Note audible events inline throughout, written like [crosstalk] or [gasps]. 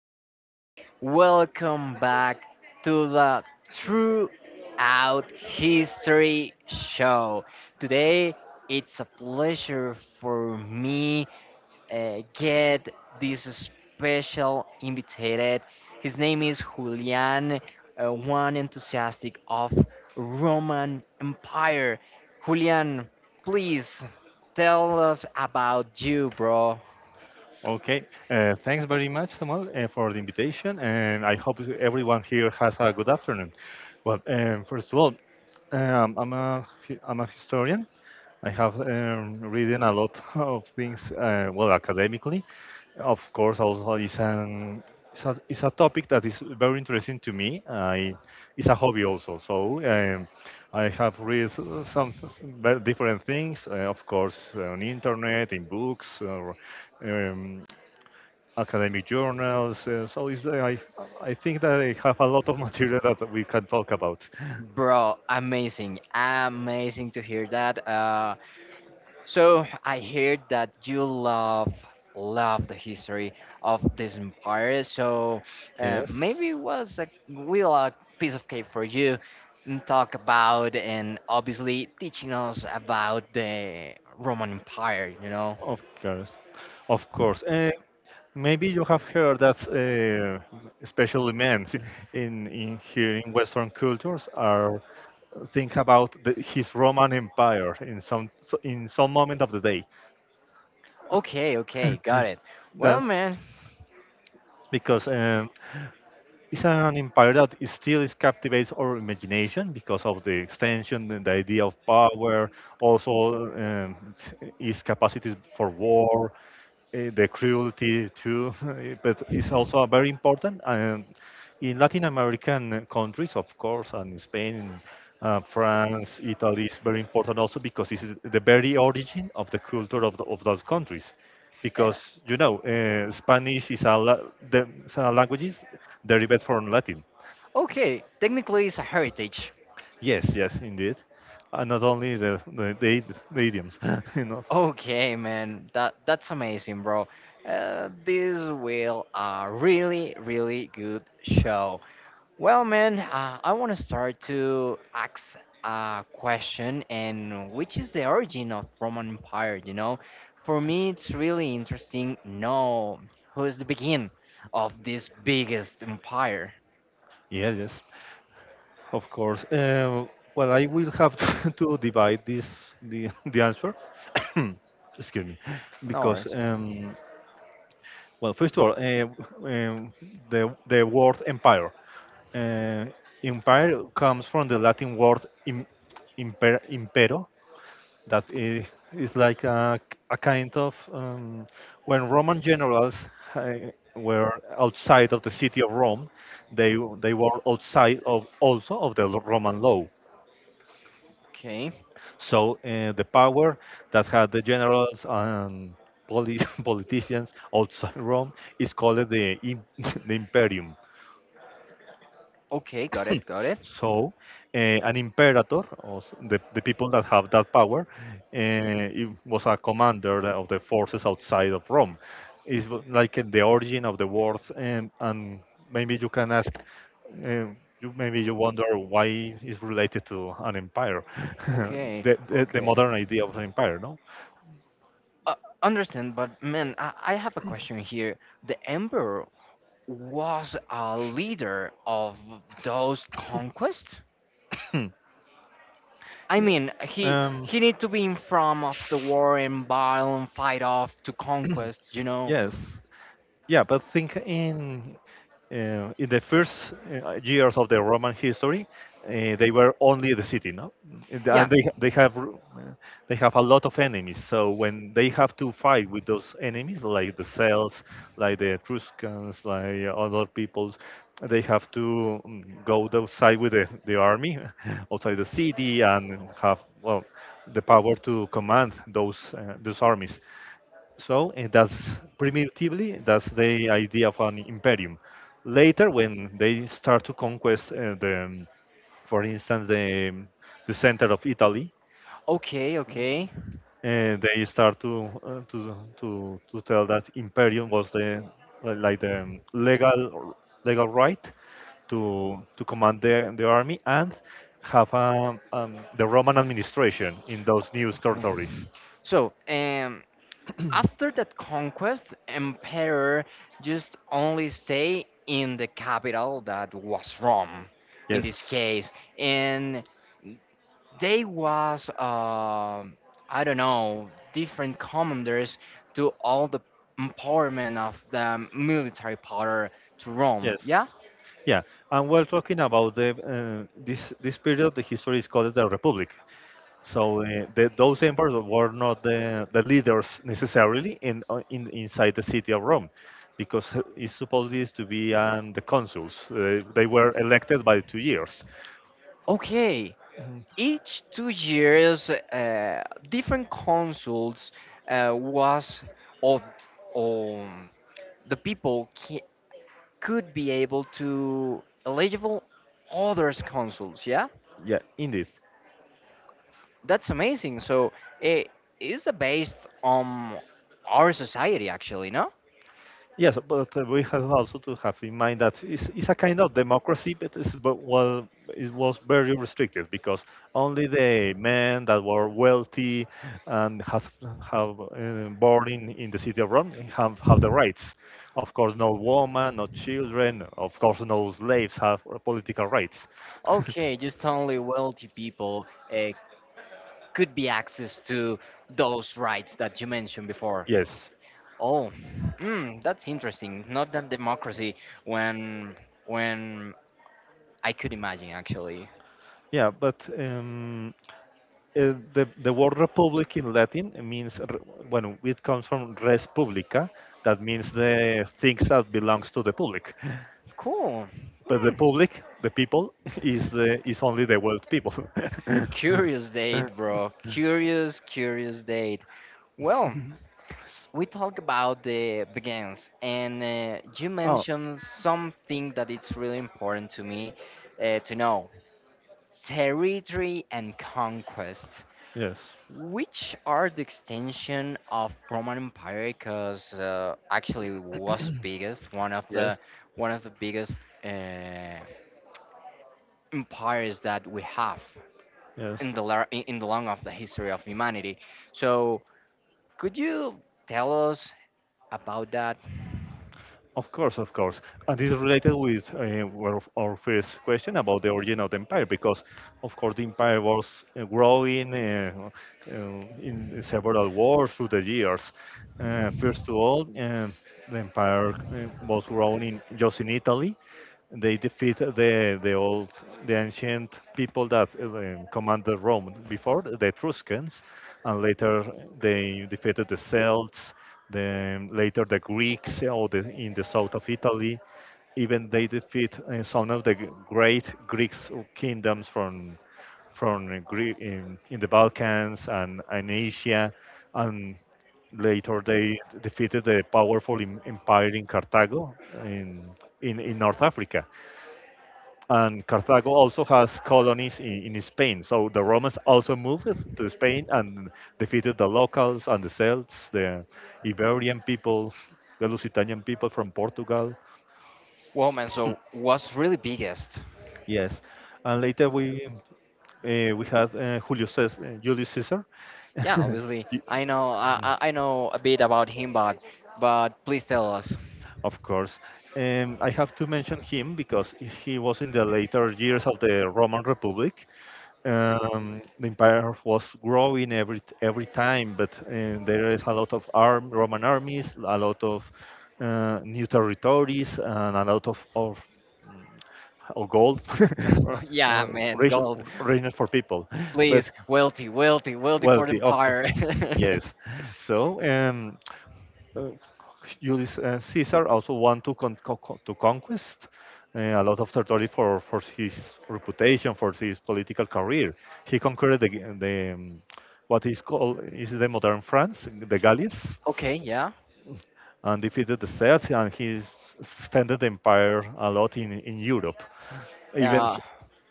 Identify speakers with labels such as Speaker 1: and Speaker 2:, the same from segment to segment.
Speaker 1: people. Welcome back to the True Out History Show. Today, it's a pleasure for me get this special invited. His name is Julian, one enthusiastic of Roman Empire. Julian, please tell us about you, bro.
Speaker 2: Okay, thanks very much, Samuel, for the invitation, and I hope everyone here has a good afternoon. Well, first of all, um, I'm a I'm a historian. I have written a lot [laughs] of things, well, academically. Of course, also it's a topic that is very interesting to me. I it's a hobby also, so I have read different things, of course, on internet, in books, or um, academic journals. I think that I have a lot of [laughs] material that we can talk about.
Speaker 1: Bro, amazing. Amazing to hear that. So I heard that you love the history of this empire. So maybe
Speaker 2: Yes,
Speaker 1: it was a real piece of cake for you and talk about and obviously teaching us about the Roman Empire, you know?
Speaker 2: of course. Of course. Maybe you have heard that, especially men in here in Western cultures are think about his Roman Empire in in some moment of the day.
Speaker 1: Okay, okay, got it. Well,
Speaker 2: That
Speaker 1: man.
Speaker 2: because it's an empire that is still is captivates our imagination because of the extension and the idea of power, also its capacities for war, the cruelty too. [laughs] But it's also very important in Latin American countries, of course, and Spain, France, Italy is very important also because this is the very origin of the culture of those countries because you know
Speaker 1: uh,
Speaker 2: Spanish is the some languages derived from Latin.
Speaker 1: Okay, technically it's a heritage.
Speaker 2: Yes, yes, indeed, and not only the idioms, [laughs] you know.
Speaker 1: Okay, man, that's amazing, bro. This will a really good show. Well, man, I want to start to ask a question, and which is the origin of Roman Empire? You know, for me, it's really interesting. Know who is the begin of this biggest empire?
Speaker 2: Yes, yes, of course. Well, I will have to, [laughs] to divide this the [laughs] the answer. [coughs] Excuse me,
Speaker 1: No
Speaker 2: because
Speaker 1: worries.
Speaker 2: well, first of all, um, the word empire. Uh, empire comes from the Latin word impero, that i- is like a kind of when Roman generals uh, were outside of the city of Rome, they they were outside of also of the Roman law.
Speaker 1: Okay,
Speaker 2: So the power that had the generals and [laughs] politicians outside Rome is called [laughs] the imperium.
Speaker 1: okay, got it, got it.
Speaker 2: So, an imperator, the people that have that power, it was a commander of the forces outside of Rome. Like the origin of the word, and maybe you can ask, uh, maybe you wonder why it's related to an empire, [laughs]
Speaker 1: Okay,
Speaker 2: the
Speaker 1: okay.
Speaker 2: modern idea of an empire, no?
Speaker 1: Uh, understand, but man, I have a question here. The Emperor was a leader of those conquests?
Speaker 2: Hmm.
Speaker 1: I mean, he
Speaker 2: um,
Speaker 1: he need to be in front of the war and battle and fight off to
Speaker 2: [clears throat]
Speaker 1: conquest, you know?
Speaker 2: yes, yeah, but think in the first years of the Roman history, they were only the city, no? And
Speaker 1: Yeah,
Speaker 2: they have a lot of enemies. So when they have to fight with those enemies, like the Celts, like the Etruscans, like other peoples, they have to go outside with the army, [laughs] outside the city, and have well the power to command those armies. So and that's primitively that's the idea of an imperium. Later, when they start to conquest, for instance, the center of Italy,
Speaker 1: okay, okay.
Speaker 2: they start to tell that imperium was the like the legal right to command the army and have the Roman administration in those new
Speaker 1: Mhm.
Speaker 2: territories.
Speaker 1: So, after that conquest, Emperor just only stay in the capital that was Rome, in this
Speaker 2: Yes.
Speaker 1: case, and they was I don't know different commanders do all the empowerment of the military power to Rome.
Speaker 2: Yes.
Speaker 1: Yeah.
Speaker 2: Yeah, and we're talking about the this this period of the history is called the Republic. So those emperors were not the leaders necessarily in inside the city of Rome, because it's supposed is to be the consuls. They were elected by 2 years.
Speaker 1: Okay.
Speaker 2: Mhm.
Speaker 1: Each 2 years, different consuls was or or the could be able to eligible others consuls. Yeah,
Speaker 2: Yeah, indeed.
Speaker 1: that's amazing. So it is based on our society actually, no?
Speaker 2: Yes, but we have also to have in mind that it's a kind of democracy, but but, well, it was very restricted because only the men that were wealthy and have born in the city of Rome have the rights. Of course, no woman, no children, of course, no slaves have political rights. [laughs]
Speaker 1: Okay, just only wealthy people uh, could be access to those rights that you mentioned before.
Speaker 2: Yes.
Speaker 1: Oh, that's interesting. Not that democracy when when I could imagine actually.
Speaker 2: Yeah, but the word republic in Latin means, when it comes from res publica, that means the things that belongs to the public.
Speaker 1: Cool.
Speaker 2: But the
Speaker 1: Hmm.
Speaker 2: public, the people, [laughs] is the is only the world people. [laughs]
Speaker 1: Curious date, bro. Curious, curious date. Well, we talk about the begins, and you
Speaker 2: Oh,
Speaker 1: mentioned something that it's really important to me to know. Territory and conquest,
Speaker 2: yes,
Speaker 1: which are the extension of Roman Empire, because actually was biggest
Speaker 2: yes,
Speaker 1: one of the biggest uh, empires that we have
Speaker 2: yes.
Speaker 1: in the long of the history of humanity. So could you tell us about that?
Speaker 2: Of course, of course. And this is related with our first question about the origin of the empire, because, of course, the empire was growing uh, in several wars through the years. First of all, the empire was grown in, just in Italy, they defeat the old the ancient people that commanded Rome before the Etruscans, and later they defeated the Celts, then later the Greeks or the, in the south of Italy. Even they defeat some of the great Greek kingdoms from Greek in the Balkans and Asia, and later they defeated the powerful empire in Carthago in, in North Africa, and Carthago also has colonies in Spain. So the Romans also moved to Spain and defeated the locals and the Celts, the Iberian people, the Lusitanian people from Portugal.
Speaker 1: Well, man, so was really biggest.
Speaker 2: Yes, and later we had Julius Caesar.
Speaker 1: Yeah,
Speaker 2: [laughs]
Speaker 1: obviously,
Speaker 2: Y-
Speaker 1: I know I I know a bit about him, but please tell us.
Speaker 2: Of course, I have to mention him because he was in the later years of the Roman Republic, the empire was growing every time, but there is a lot of arm, Roman armies, a lot of new territories, and a lot mm, of gold, [laughs] or-
Speaker 1: [laughs] yeah,
Speaker 2: or
Speaker 1: man,
Speaker 2: rich-
Speaker 1: gold.
Speaker 2: richness for people, but
Speaker 1: Please, wealthy for the
Speaker 2: wealthy, of
Speaker 1: empire.
Speaker 2: course, yes. So. Uh, Julius Caesar also want to conquest a lot of territory for his reputation, for his political career. He conquered the what is called is the modern France, the Gallies,
Speaker 1: [laughs] okay, yeah.
Speaker 2: and defeated the Celts, and he extended the empire a lot in Europe. Even
Speaker 1: Uh,
Speaker 2: he-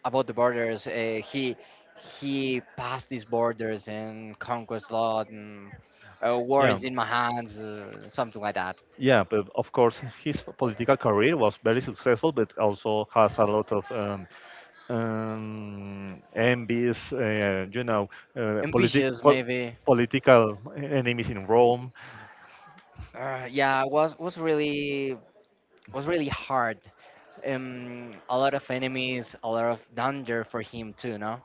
Speaker 1: about the borders, uh, he passed these borders and conquest lot and war
Speaker 2: yeah.
Speaker 1: is in my hands, something like that.
Speaker 2: Yeah, but of course, his political career was very successful, but also has a lot of envies, you know, uh, politi-
Speaker 1: Ambitious,
Speaker 2: po-
Speaker 1: maybe.
Speaker 2: political enemies in Rome.
Speaker 1: Uh, yeah, was was really was really hard. A lot of enemies, a lot of danger for him too, no?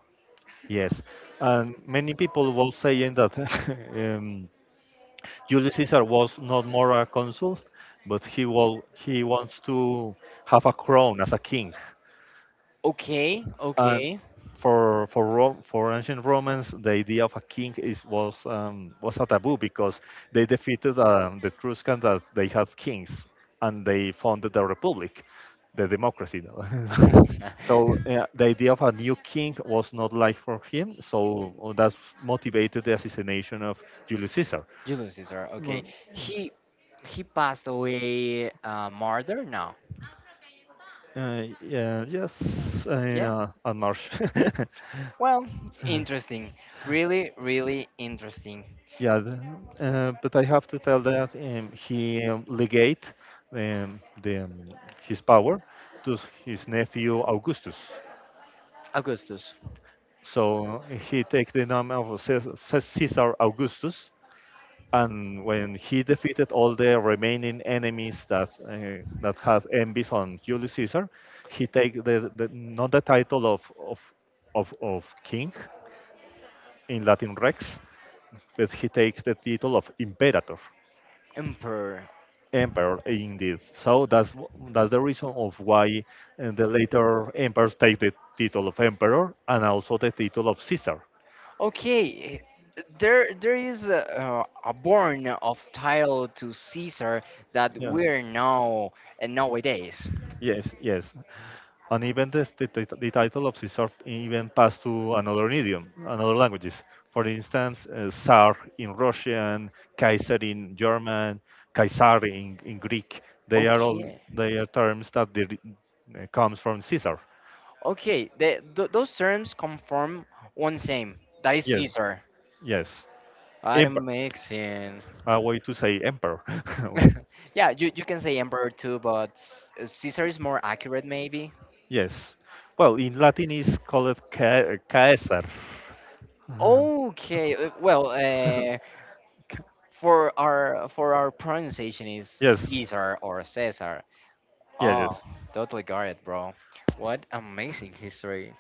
Speaker 2: Yes, and many people were saying that [laughs] um, Julius Caesar was not more a consul, but he wants to have a crown as a king.
Speaker 1: Okay,
Speaker 2: And
Speaker 1: okay.
Speaker 2: for Rome, for ancient Romans, the idea of a king is was a taboo because they defeated the Etruscans that they had kings and they founded the republic, the democracy. Though. [laughs] So
Speaker 1: [laughs]
Speaker 2: the idea of a new king was not like for him. So that motivated the assassination of Julius Caesar.
Speaker 1: Julius Caesar. Okay,
Speaker 2: Well,
Speaker 1: he he passed away murder. No,
Speaker 2: Yeah, yes,
Speaker 1: yeah.
Speaker 2: and Marsh.
Speaker 1: Well,
Speaker 2: [laughs]
Speaker 1: interesting. Really, really interesting.
Speaker 2: Yeah, but I have to tell that he legate um, the, um, his power his nephew Augustus.
Speaker 1: Augustus,
Speaker 2: So he take the name of Caesar Augustus, and when he defeated all the remaining enemies that that had envies on Julius Caesar, he take the not the title of king in Latin rex, but he takes the title of imperator.
Speaker 1: emperor.
Speaker 2: Emperor in this. So that's the reason of why the later emperors take the title of emperor and also the title of Caesar.
Speaker 1: Okay, there is a born of title to Caesar that
Speaker 2: Yeah.
Speaker 1: we're now nowadays.
Speaker 2: Yes, yes. And even the title of Caesar even passed to another idiom, another languages. For instance, Tsar in Russian, Kaiser in German, Kaisar in Greek. They are all
Speaker 1: Okay,
Speaker 2: they are terms that they, comes from Caesar.
Speaker 1: Okay, the, those terms come from one same. That is
Speaker 2: Yes,
Speaker 1: Caesar.
Speaker 2: yes.
Speaker 1: I
Speaker 2: Emperor.
Speaker 1: don't make sense.
Speaker 2: A way to say emperor. [laughs] Well,
Speaker 1: [laughs] yeah, you can say emperor too, but Caesar is more accurate maybe.
Speaker 2: yes. Well, in Latin is called Caesar. [laughs]
Speaker 1: Okay, well,
Speaker 2: Uh, ca-
Speaker 1: for our pronunciation is
Speaker 2: yes.
Speaker 1: Caesar or Caesar.
Speaker 2: Yes.
Speaker 1: Oh,
Speaker 2: Yes.
Speaker 1: totally got it, bro. What amazing history.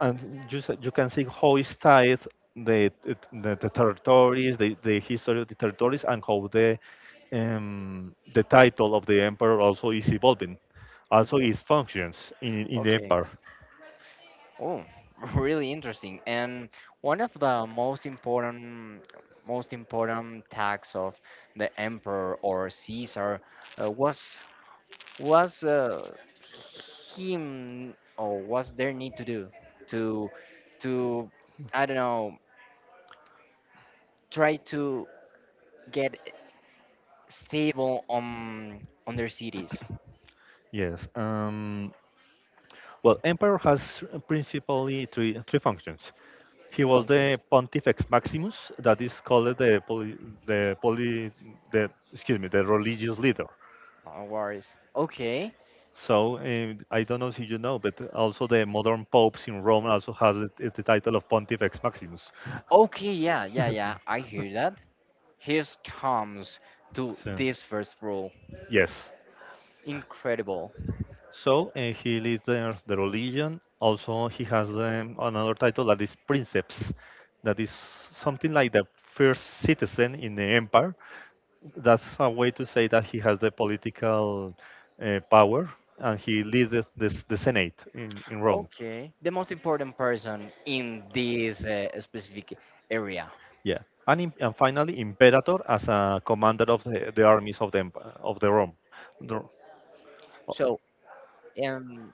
Speaker 2: And you can see how is tied the the territories, the history of the territories, and how the title of the emperor also is evolving,
Speaker 1: This
Speaker 2: also
Speaker 1: one.
Speaker 2: its functions in the
Speaker 1: Okay.
Speaker 2: empire.
Speaker 1: Oh, [laughs] really interesting. And one of the most important tasks of the emperor or Caesar uh, was him or was their need to do to to I don't know try to get stable on their cities.
Speaker 2: Yes. Well, emperor has principally three functions. He was the Pontifex Maximus, that is called the poly, the poly, the excuse me, the religious leader.
Speaker 1: No worries. Okay.
Speaker 2: So I don't know if you know, but also the modern popes in Rome also has the title of Pontifex Maximus.
Speaker 1: Okay, yeah, yeah, yeah. I
Speaker 2: [laughs]
Speaker 1: hear that. Here comes to
Speaker 2: So,
Speaker 1: this first rule.
Speaker 2: yes.
Speaker 1: Incredible.
Speaker 2: So he leads the religion. Also, he has another title that is princeps, that is something like the first citizen in the empire. That's a way to say that he has the political power and he leads the Senate in Rome.
Speaker 1: Okay. The most important person in this specific area.
Speaker 2: Yeah, and and finally, imperator as a commander of the armies of of the Rome. The- oh,
Speaker 1: So, um,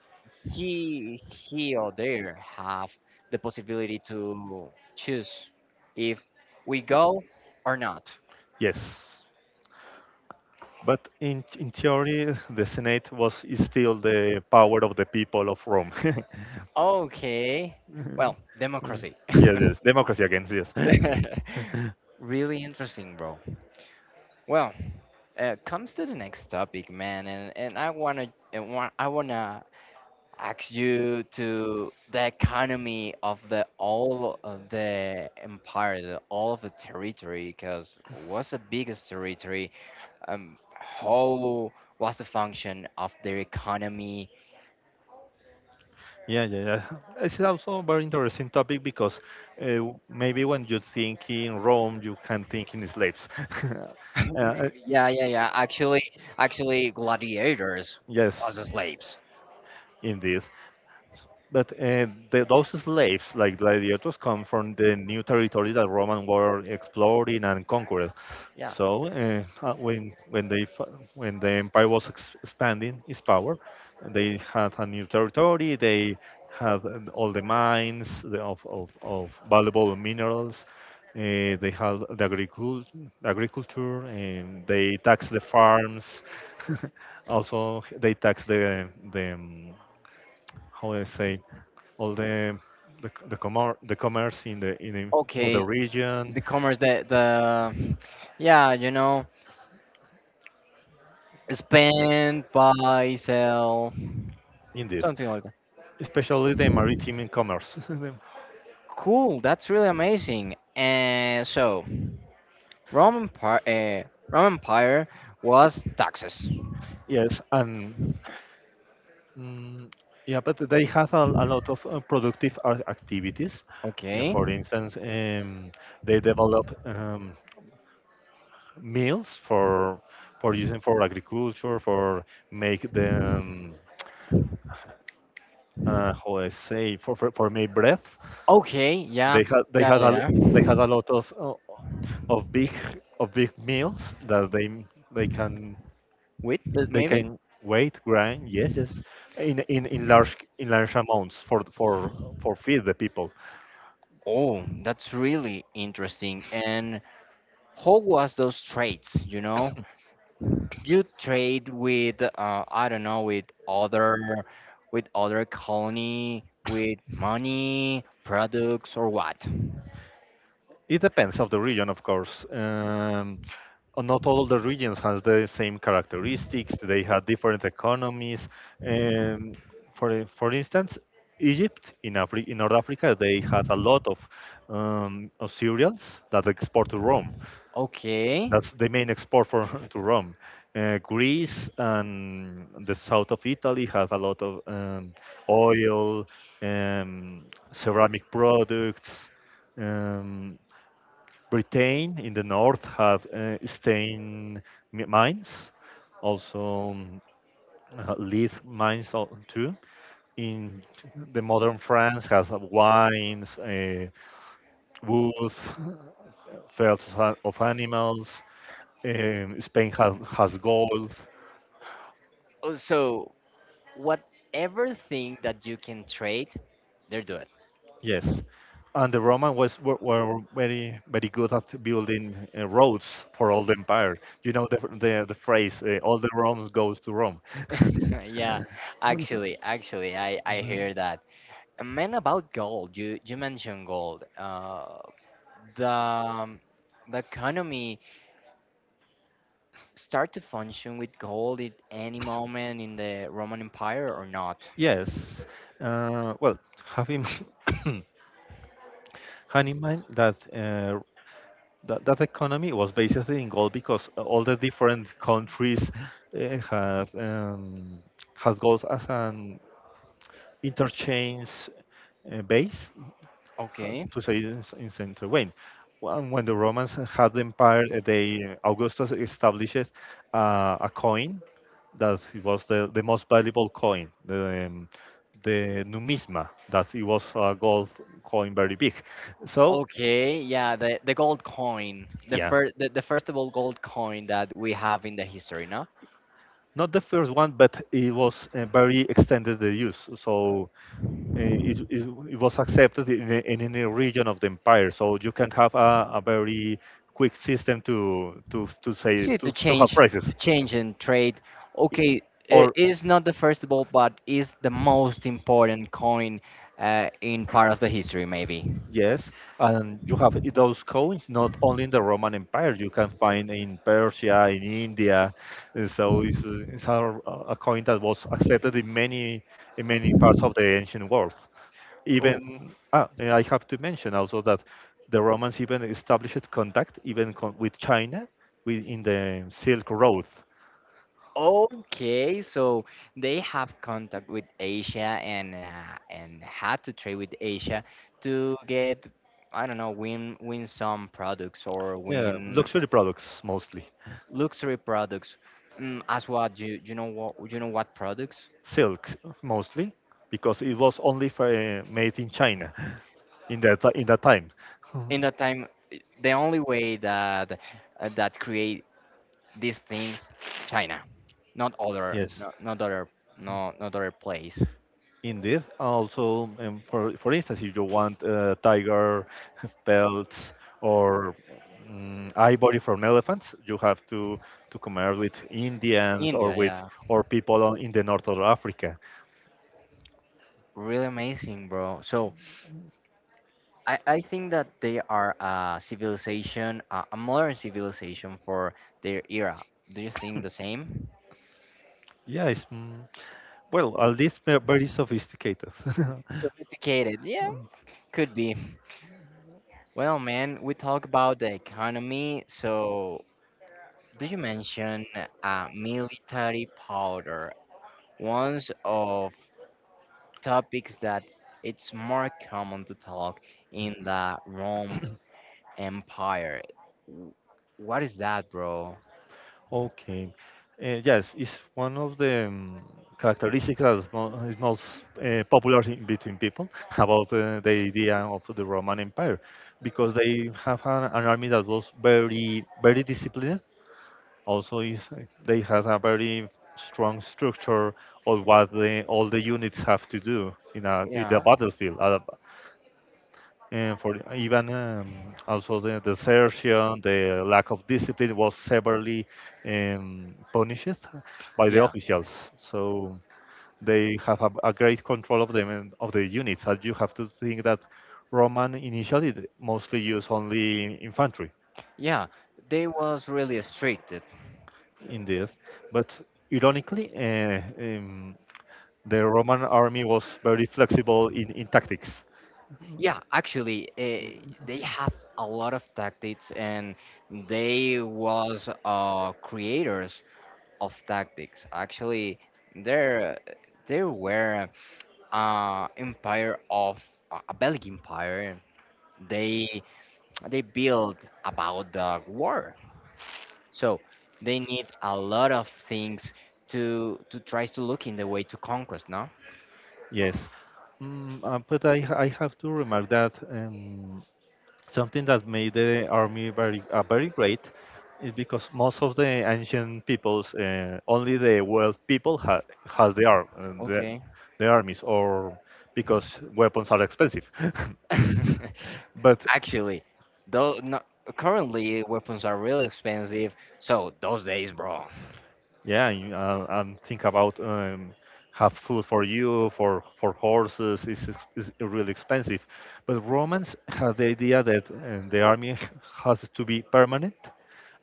Speaker 1: he or there have the possibility to choose if we go or not.
Speaker 2: Yes, but in theory, [laughs] the Senate was is still the power of the people of Rome.
Speaker 1: Okay. Well,
Speaker 2: [laughs]
Speaker 1: democracy. [laughs]
Speaker 2: Yes, yes, democracy again, yes. [laughs]
Speaker 1: Really interesting, bro. Well, comes to the next topic, man, and I wanna ask you to the economy of the all of the empire, the, all of the territory, because what's the biggest territory? How was the function of their economy?
Speaker 2: Yeah, yeah, yeah. It's also a very interesting topic because maybe when you think in Rome, you can think in slaves. [laughs]
Speaker 1: [laughs]
Speaker 2: Uh, uh,
Speaker 1: yeah, yeah, yeah. Actually, actually, gladiators
Speaker 2: yes,
Speaker 1: was the slaves.
Speaker 2: indeed. But those slaves, like gladiators, come from the new territories that Roman were exploring and conquering.
Speaker 1: Yeah.
Speaker 2: So when the empire was expanding its power, they had a new territory. They had all the mines the, of valuable minerals. They had the agriculture. And they taxed the farms. [laughs] also, they taxed the how do I say all the the commerce in the of the
Speaker 1: Okay.
Speaker 2: region
Speaker 1: The commerce, the yeah, you know, spend, buy, sell,
Speaker 2: in this,
Speaker 1: something like that.
Speaker 2: especially the maritime commerce. [laughs]
Speaker 1: Cool, that's really amazing. And so, Roman Empire was taxes.
Speaker 2: yes, and mm, yeah, but they have a lot of productive activities.
Speaker 1: Okay.
Speaker 2: For instance, they develop meals for using for agriculture, for make the how I say for, for make bread.
Speaker 1: Okay, yeah.
Speaker 2: They had they
Speaker 1: Yeah,
Speaker 2: had a
Speaker 1: yeah, yeah.
Speaker 2: they had a lot of big meals that they can
Speaker 1: Wheat,
Speaker 2: they
Speaker 1: maybe?
Speaker 2: can wait grind, yes, yes, in large amounts for feed the people.
Speaker 1: Oh, that's really interesting. And how was those trades, you know? You trade with I don't know, with other colony, with money, products or what?
Speaker 2: It depends of the region, of course. Not all the regions has the same characteristics, they have different economies. um, for instance, Egypt in in North Africa, they had a lot of cereals that export to Rome.
Speaker 1: Okay.
Speaker 2: That's the main export for [laughs] to Rome. Greece and the south of Italy has a lot of oil, um, ceramic products. Um, Britain in the north have stain mines, also lead mines too. In the modern France has wines, woods, [laughs] felts of of animals. Spain has gold.
Speaker 1: Oh, so whatever thing that you can trade, they're doing.
Speaker 2: Yes, and the Roman were very very good at building roads for all the empire. You know the phrase, "all the Romans goes to Rome."
Speaker 1: [laughs] yeah, actually, I
Speaker 2: Mhm.
Speaker 1: hear that. And man, about gold, you mentioned gold. The um, the economy start to function with gold at any moment in the Roman Empire or not?
Speaker 2: Yes. Well, having [coughs] in, in mind that, that economy was basically in gold because all the different countries have has gold as an interchange base.
Speaker 1: Okay.
Speaker 2: To say it in, in Saint Wayne. When the Romans had the empire, they Augustus establishes a coin that it was the most valuable coin, the numisma, that it was a gold coin, very big. So
Speaker 1: Okay, yeah, the gold coin,
Speaker 2: yeah,
Speaker 1: the first of all gold coin that we have in the history, no?
Speaker 2: not the first one, but it was very extended the use. So eh, is, is, it was accepted in, in any region of the empire. So you can have a very quick system to
Speaker 1: See,
Speaker 2: to have prices.
Speaker 1: to change and trade. Okay, I-
Speaker 2: Or
Speaker 1: is not the first ball, but is the most important coin in part of the history, maybe.
Speaker 2: yes, and you have those coins not only in the Roman Empire. You can find in Persia, in India. And so it's a coin that was accepted in many parts of the ancient world.
Speaker 1: Amen.
Speaker 2: Even and I have to mention also that the Romans even established contact, even con with China within the Silk Road.
Speaker 1: Oh, okay. So they have contact with Asia and had to trade with Asia to get, I don't know, win win some products or
Speaker 2: Yeah,
Speaker 1: win
Speaker 2: luxury products mostly,
Speaker 1: luxury products. Mm, as what you you know what products?
Speaker 2: silks mostly, because it was only for, made in China [laughs] in in that time. [laughs]
Speaker 1: In that time I- the only way that that create these things china not other
Speaker 2: Yes.
Speaker 1: no, not other no not other place
Speaker 2: Also, for instance, if you want tiger [laughs] pelts or ivory from elephants, you have to commerce with Indians or
Speaker 1: india
Speaker 2: with
Speaker 1: yeah
Speaker 2: or people on, in the north of Africa.
Speaker 1: really amazing bro so i think that they are a civilization a modern civilization for their era do you think the same
Speaker 2: Yeah, it's well, at least they're very sophisticated.
Speaker 1: sophisticated yeah
Speaker 2: [laughs]
Speaker 1: could be well man we talk about the economy so do you mention military powder ones of topics that it's more common to talk in the Rome Empire. W- What is that, bro?
Speaker 2: Okay. Yes, it's one of the characteristics that is, mo is most popular in between people [laughs] about the idea of the Roman Empire, because they have an army that was very, very disciplined. Also, is they have a very strong structure of what the, all the units have to do in a in the
Speaker 1: Yeah,
Speaker 2: battlefield. And for even also the desertion, the lack of discipline was severely punished by the
Speaker 1: yeah,
Speaker 2: officials. So they have a great control of them and of the units. And you have to think that Roman initially mostly used only infantry.
Speaker 1: yeah. They was really restricted.
Speaker 2: In this, but ironically, the Roman army was very flexible in tactics.
Speaker 1: Yeah, actually, they have a lot of tactics, and they was creators of tactics. Actually, there there were empire of a Belgian empire. They they build about the war. So they need a lot of things to try to look in the way to conquest, no?
Speaker 2: Yes. But I have to remark that. Something that made the army very very great is because most of the ancient peoples, only the wealth people has the arm,
Speaker 1: Okay.
Speaker 2: the armies, or because weapons are expensive. [laughs] but
Speaker 1: [laughs] Actually, though no, currently weapons are really expensive, so those days, bro.
Speaker 2: yeah, and think about have food for you for horses is is really expensive. But Romans had the idea that the army [laughs] has to be permanent,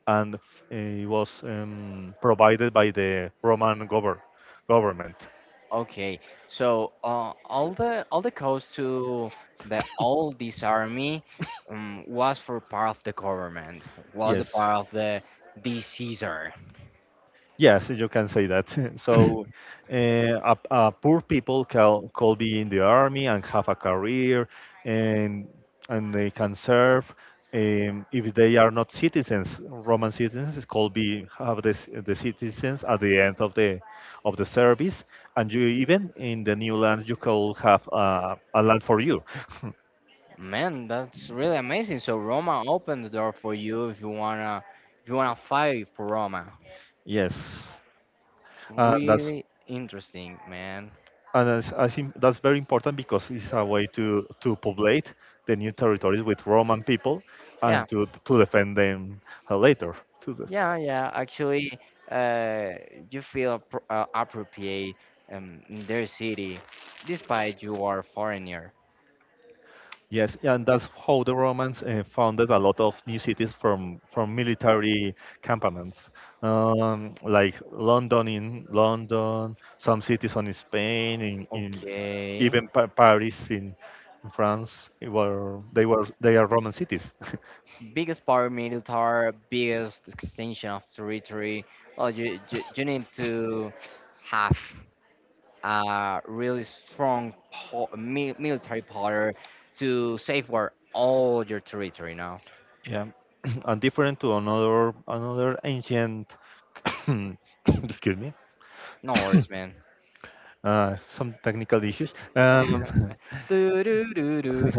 Speaker 2: and it was provided by the Roman government.
Speaker 1: Okay, so all the cost to the all this army was for part of the government, was a
Speaker 2: Yes,
Speaker 1: part of the Caesar.
Speaker 2: yes, you can say that. [laughs] so,
Speaker 1: [laughs]
Speaker 2: a poor people can could be in the army and have a career, and and they can serve. If they are not citizens, Roman citizens could be have this, the citizens at the end of the service, and you even in the new land you could have a land for you.
Speaker 1: Man, that's really amazing. So Roma opened the door for you if you wanna fight for Roma.
Speaker 2: [laughs] yes. And that's
Speaker 1: Really interesting, man.
Speaker 2: and as, I think that's very important because it's a way to populate the new territories with Roman people
Speaker 1: Yeah,
Speaker 2: and to defend them later. To the,
Speaker 1: yeah, yeah. Actually, uh, you feel appropriate in their city, despite you are foreigner.
Speaker 2: yes, and that's how the Romans founded a lot of new cities from military campaments, like London in London, some cities on Spain, in
Speaker 1: Okay.
Speaker 2: even Paris in France, were they are Roman cities. [laughs]
Speaker 1: Biggest power militar, biggest extension of territory. Well, you need to have a really strong military power to safeguard all your territory now.
Speaker 2: Yeah, [clears throat] and different to another another ancient. [coughs] excuse me.
Speaker 1: No
Speaker 2: [coughs]
Speaker 1: worries, man.
Speaker 2: Some technical issues. [laughs]
Speaker 1: [laughs] do, do, do, do.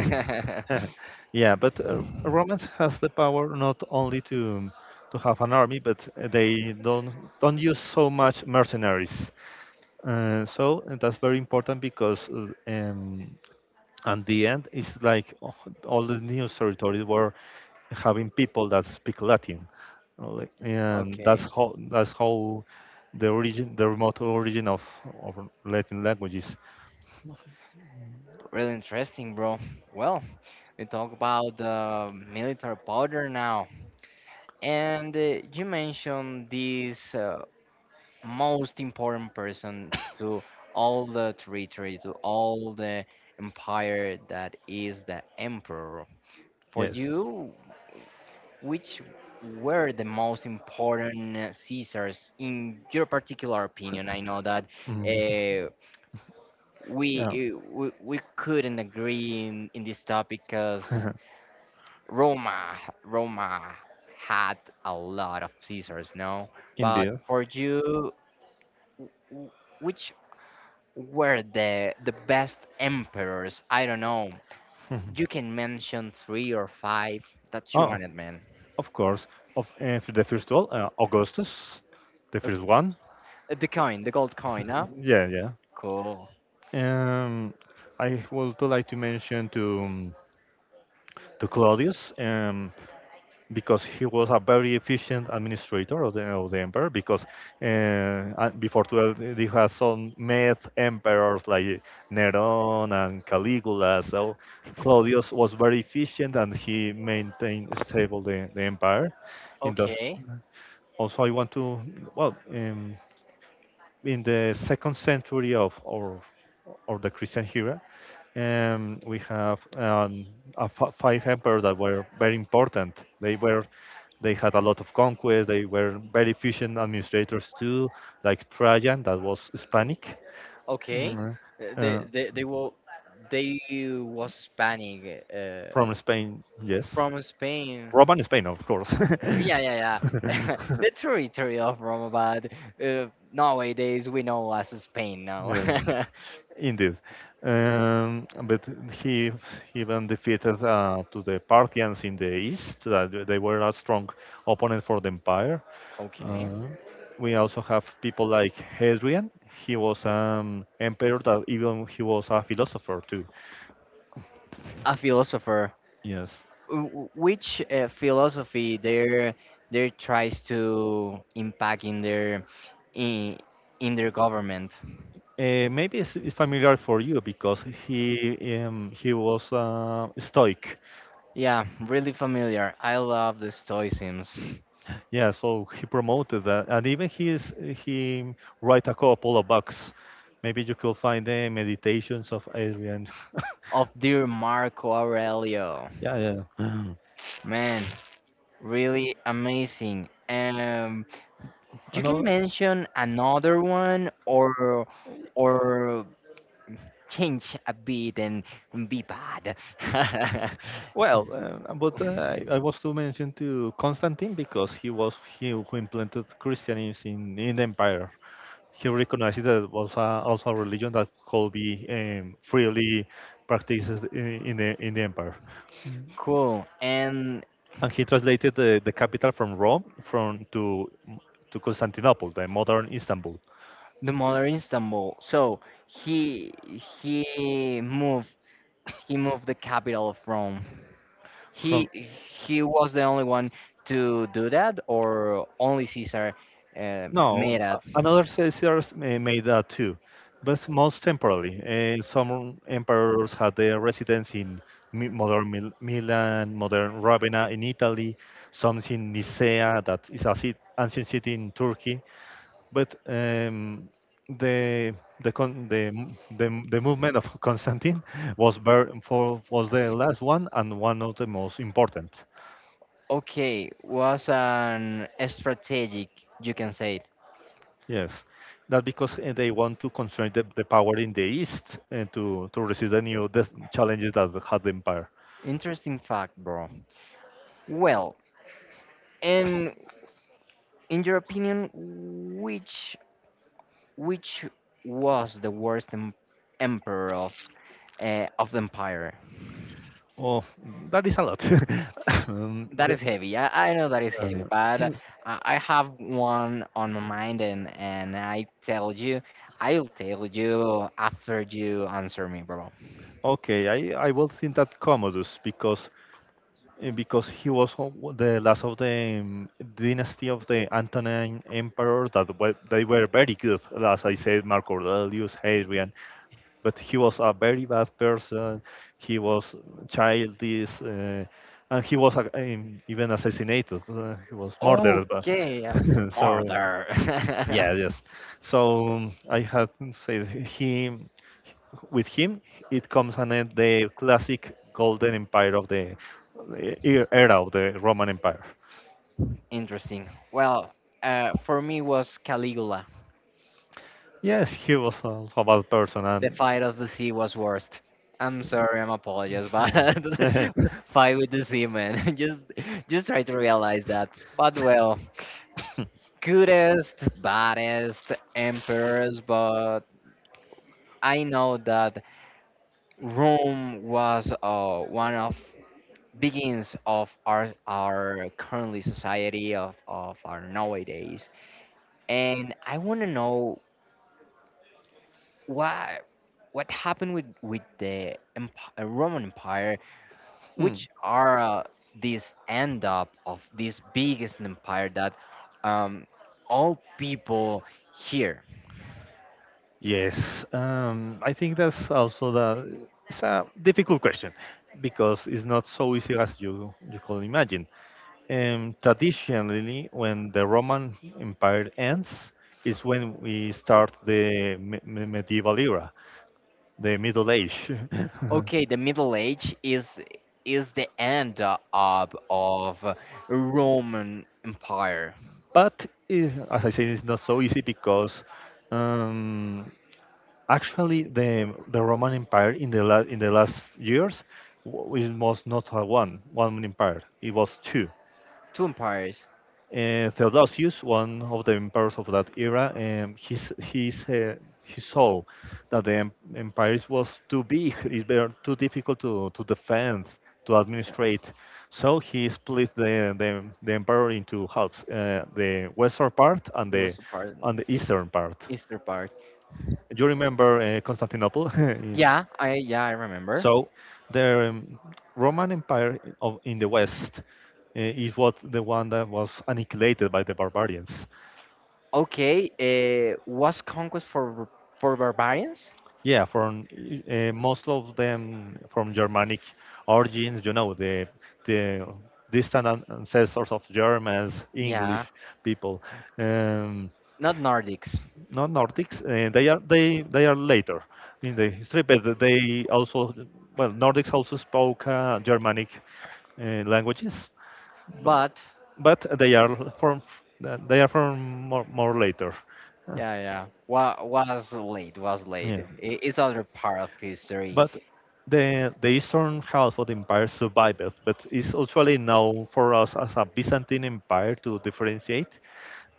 Speaker 2: [laughs] yeah, but Romans has the power not only to have an army, but they don't use so much mercenaries. So that's very important because at the end, it's like, oh, all the new territories were having people that speak Latin.
Speaker 1: [laughs]
Speaker 2: And
Speaker 1: okay,
Speaker 2: that's how the origin, the remote origin of Latin languages.
Speaker 1: really interesting, bro. Well, we talk about the military powder now, and you mentioned this most important person to all the territory, to all the empire that is the emperor. For
Speaker 2: Yes.
Speaker 1: you, which were the most important scissors in your particular opinion? I know that
Speaker 2: Mm.
Speaker 1: uh,
Speaker 2: [laughs] Yeah.
Speaker 1: we couldn't agree in this topic because
Speaker 2: [laughs]
Speaker 1: Roma Roma had a lot of scissors, no? But
Speaker 2: Indeed.
Speaker 1: for you, w- w- which were the best emperors? I don't know. You
Speaker 2: [laughs]
Speaker 1: can mention three or five. That's you
Speaker 2: Oh,
Speaker 1: on it, man.
Speaker 2: of course. Of the first one, Augustus, the first one.
Speaker 1: The coin, the gold coin, huh?
Speaker 2: Yeah, yeah.
Speaker 1: Cool.
Speaker 2: Um, I would like to mention to Claudius. Because he was a very efficient administrator of the empire, because before 12 he had some myth emperors like Neron and Caligula, so Claudius was very efficient and he maintained stable the empire. In the
Speaker 1: Okay.
Speaker 2: also I want to well in the second century of or the Christian era, we have five emperors that were very important. They were they had a lot of conquests. They were very efficient administrators too, like Trajan, that was Hispanic. Okay.
Speaker 1: Okay. Uh, They
Speaker 2: Uh,
Speaker 1: they they will they was Hispanic
Speaker 2: from Spain. Yes,
Speaker 1: from Spain.
Speaker 2: Roman Spain, of course. [laughs]
Speaker 1: Yeah,
Speaker 2: Yeah,
Speaker 1: yeah,
Speaker 2: yeah.
Speaker 1: yeah. [laughs] the territory of Roma, but nowadays we know as Spain now.
Speaker 2: Yeah. Okay,
Speaker 1: [laughs]
Speaker 2: indeed. But he even defeated to the Parthians in the east. That they were a strong opponent for the empire.
Speaker 1: okay.
Speaker 2: Uh, We also have people like Hadrian. He was an emperor that even he was a philosopher too.
Speaker 1: A philosopher.
Speaker 2: Yes.
Speaker 1: Which philosophy there there tries to impact in their in, in their government?
Speaker 2: Maybe it's familiar for you because he was Stoic.
Speaker 1: Yeah, really familiar. I love the Stoicism.
Speaker 2: Yeah, so he promoted that, and even he write a couple of books. Maybe you could find the meditations of Adrian.
Speaker 1: Of dear Marco Aurelio.
Speaker 2: Yeah, yeah. [clears throat]
Speaker 1: Man, really amazing.
Speaker 2: [gasps]
Speaker 1: You can
Speaker 2: Another.
Speaker 1: mention another one or change a bit and be bad. [laughs]
Speaker 2: Well, but I, was to mention to Constantine, because he was he who implanted Christianism in the empire. He recognized that it was a, also a religion that could be freely practiced in the empire,
Speaker 1: Cool. And
Speaker 2: and he translated the capital from Rome from to Constantinople, the modern Istanbul,
Speaker 1: the mother Istanbul. So he moved he moved the capital of Rome.
Speaker 2: from.
Speaker 1: He was the only one to do that, or only Caesar
Speaker 2: No,
Speaker 1: made it.
Speaker 2: another Caesars made that too, but most temporarily. Some emperors had their residence in modern Milan, modern Ravenna in Italy, some in Nicaea, that is a cit ancient city in Turkey. But the the, con the m- the m- the movement of [laughs] Constantine was ver for was the last one and one of the most important.
Speaker 1: Okay, was an strategic, you can say it.
Speaker 2: Yes, that because they want to constrain the power in the east and to resist the new death challenges that had the empire.
Speaker 1: Interesting fact, bro. Well, and in your opinion, which was the worst emperor of the empire?
Speaker 2: Oh, that is a lot. [laughs] um,
Speaker 1: That
Speaker 2: the,
Speaker 1: is heavy. I know that is heavy, but
Speaker 2: uh,
Speaker 1: I have one on my mind, and I tell you, I'll tell you after you answer me, bro.
Speaker 2: [clears throat] okay, I will think that Commodus, because he was the last of the dynasty of the Antonine emperors that were, they were very good, as I said, Marco Aurelius, Hadrian, but he was a very bad person. He was childish, and he was even assassinated. He was murdered. But
Speaker 1: Okay,
Speaker 2: [laughs] so
Speaker 1: murder.
Speaker 2: yeah,
Speaker 1: [laughs]
Speaker 2: yes. So I had said him with him. It comes an end the classic golden empire of the era of the Roman Empire.
Speaker 1: Interesting. Well, for me was Caligula.
Speaker 2: Yes, he was also a bad person
Speaker 1: The
Speaker 2: and.
Speaker 1: fight of the sea was worst. I'm sorry, I'm apologize, but
Speaker 2: [laughs]
Speaker 1: [laughs] fight with the sea, man. [laughs] Just try to realize that. But well, cutest, baddest emperors, but I know that Rome was one of beginnings of our currently society of our nowadays, and I want to know what what happened with the Roman Empire?
Speaker 2: Hmm. [laughs]
Speaker 1: Which are these end up of this biggest empire that um, all people here?
Speaker 2: Yes, I think that's also the it's a difficult question, because it's not so easy as you can imagine. Traditionally, when the Roman Empire ends, is when we start the medieval era, the Middle Age. [laughs]
Speaker 1: Okay, the Middle Age is the end up of uh, Roman Empire.
Speaker 2: But as I said, it's not so easy because um, actually the Roman Empire in in the last years it was not a one empire. It was two
Speaker 1: Two empires.
Speaker 2: Theodosius, one of the emperors of that era, he's he saw that the empire was too big, it were too difficult to defend, to
Speaker 1: Yeah,
Speaker 2: administrate. So he split the empire into halves, the western part and
Speaker 1: there was a part,
Speaker 2: and the eastern part.
Speaker 1: Easter part.
Speaker 2: You remember Constantinople? [laughs]
Speaker 1: Yeah I remember.
Speaker 2: So the Roman Empire of in the West is what the one that was annihilated by the barbarians.
Speaker 1: Okay, was conquest for barbarians?
Speaker 2: Yeah, from most of them from Germanic origins, you know, the distant ancestors of Germans,
Speaker 1: Yeah,
Speaker 2: English people, um,
Speaker 1: not Nordics,
Speaker 2: not Nordics. They they are later in the history, but they also well Nordics also spoke Germanic languages, but,
Speaker 1: but
Speaker 2: but they are from more, more later.
Speaker 1: yeah, yeah, was late, was late.
Speaker 2: Yeah.
Speaker 1: I- It's other part of history.
Speaker 2: But the eastern half of the empire survives, but is actually known for us as a Byzantine empire to differentiate.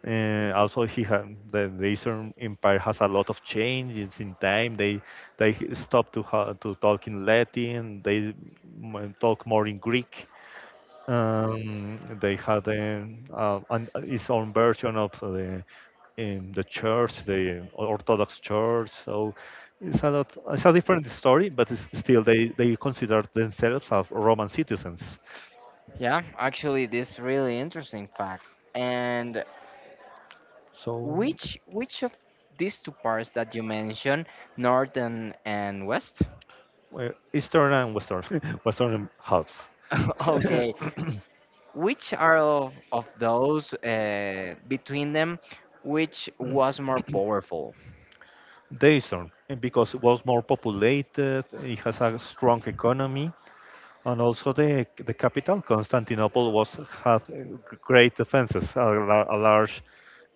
Speaker 2: Also, he had the Eastern Empire has a lot of changes in time. They stop to to talk in Latin. They talk more in Greek. They had its own version of the in the church, the Orthodox church. So it's a lot, it's a different story, but it's still they consider themselves as Roman citizens.
Speaker 1: Yeah, actually, this really interesting fact. And
Speaker 2: So
Speaker 1: which of these two parts that you mentioned, north and west?
Speaker 2: uh, Eastern and Western, [laughs] Western halves. [coughs]
Speaker 1: [laughs] okay, which are of those between them, which was more powerful?
Speaker 2: The Eastern, because it was more populated, it has a strong economy, and also the capital, Constantinople, was had great defenses, a large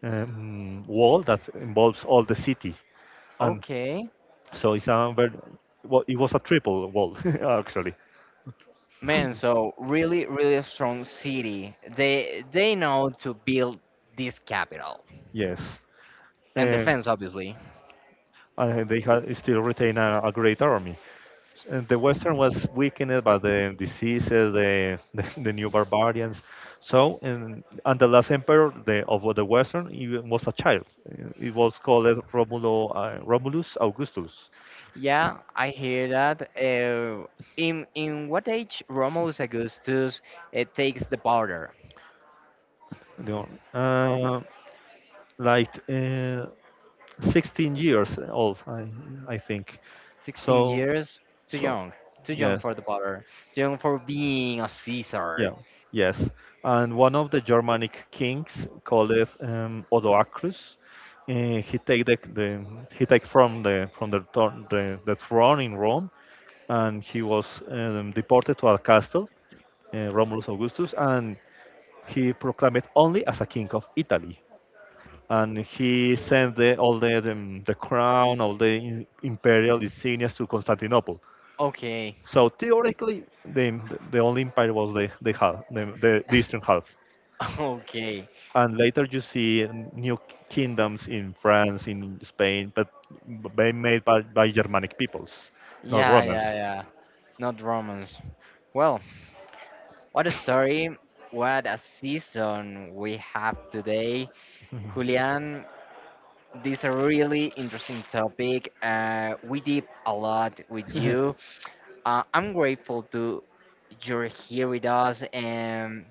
Speaker 2: wall that involves all the city, and
Speaker 1: Okay,
Speaker 2: so it's a very, well, it was a triple wall [laughs] actually.
Speaker 1: man, so really, really strong city. They know to build this capital
Speaker 2: Yes,
Speaker 1: and
Speaker 2: and,
Speaker 1: defense, obviously.
Speaker 2: and they had still retain a great army. And the Western was weakened by the diseases, the [laughs] the new barbarians. So and the last emperor of the Western he was a child. It was called Romulo, Romulus Augustus.
Speaker 1: Yeah, I hear that. In what age Romulus Augustus takes the border?
Speaker 2: You know, like uh, 16 years old, I think.
Speaker 1: 16
Speaker 2: So
Speaker 1: years? Too
Speaker 2: so.
Speaker 1: young. Too young
Speaker 2: Yes.
Speaker 1: for the border. Too young for being a Caesar.
Speaker 2: Yeah, yes. And one of the Germanic kings called it, Odoacrus. Uh, he take the, the he take from the throne in Rome, and he was deported to a castle, Romulus Augustus, and he proclaimed only as a king of Italy. And he sent all the crown, all the imperial insignias to Constantinople.
Speaker 1: Okay,
Speaker 2: So theoretically, the only empire was the half, the eastern half.
Speaker 1: [laughs] okay.
Speaker 2: And later you see new kingdoms in France, in Spain, but they made by Germanic peoples, not
Speaker 1: Yeah,
Speaker 2: Romans.
Speaker 1: yeah, yeah. Not Romans. Well, what a story. What a season we have today. Julian, this is a really interesting topic. We did a lot with you. I'm grateful to you're here with us, and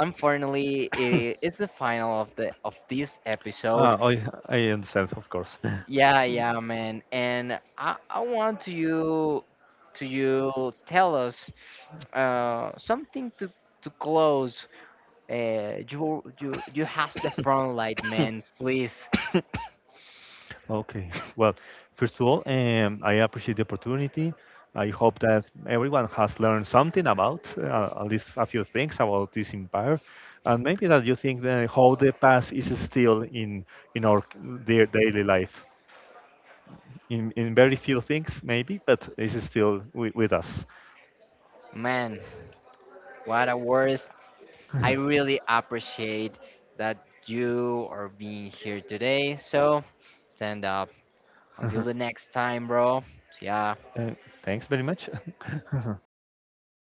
Speaker 1: unfortunately, I it's the final of the of this episode.
Speaker 2: I understand, of course. [laughs]
Speaker 1: Yeah, yeah, man. And I want to you tell us something to close. You has the front light, man. Please,
Speaker 2: Okay. [laughs] Well, first of all, I appreciate the opportunity. I hope that everyone has learned something about, at least a few things about this empire, and maybe that you think that how the past is still in our their daily life. In very few things maybe, but it's still with us.
Speaker 1: man. What a word I
Speaker 2: [laughs]
Speaker 1: really appreciate that you are being here today. So stand up. Until the next time, bro. See ya.
Speaker 2: Uh, thanks very much. [laughs]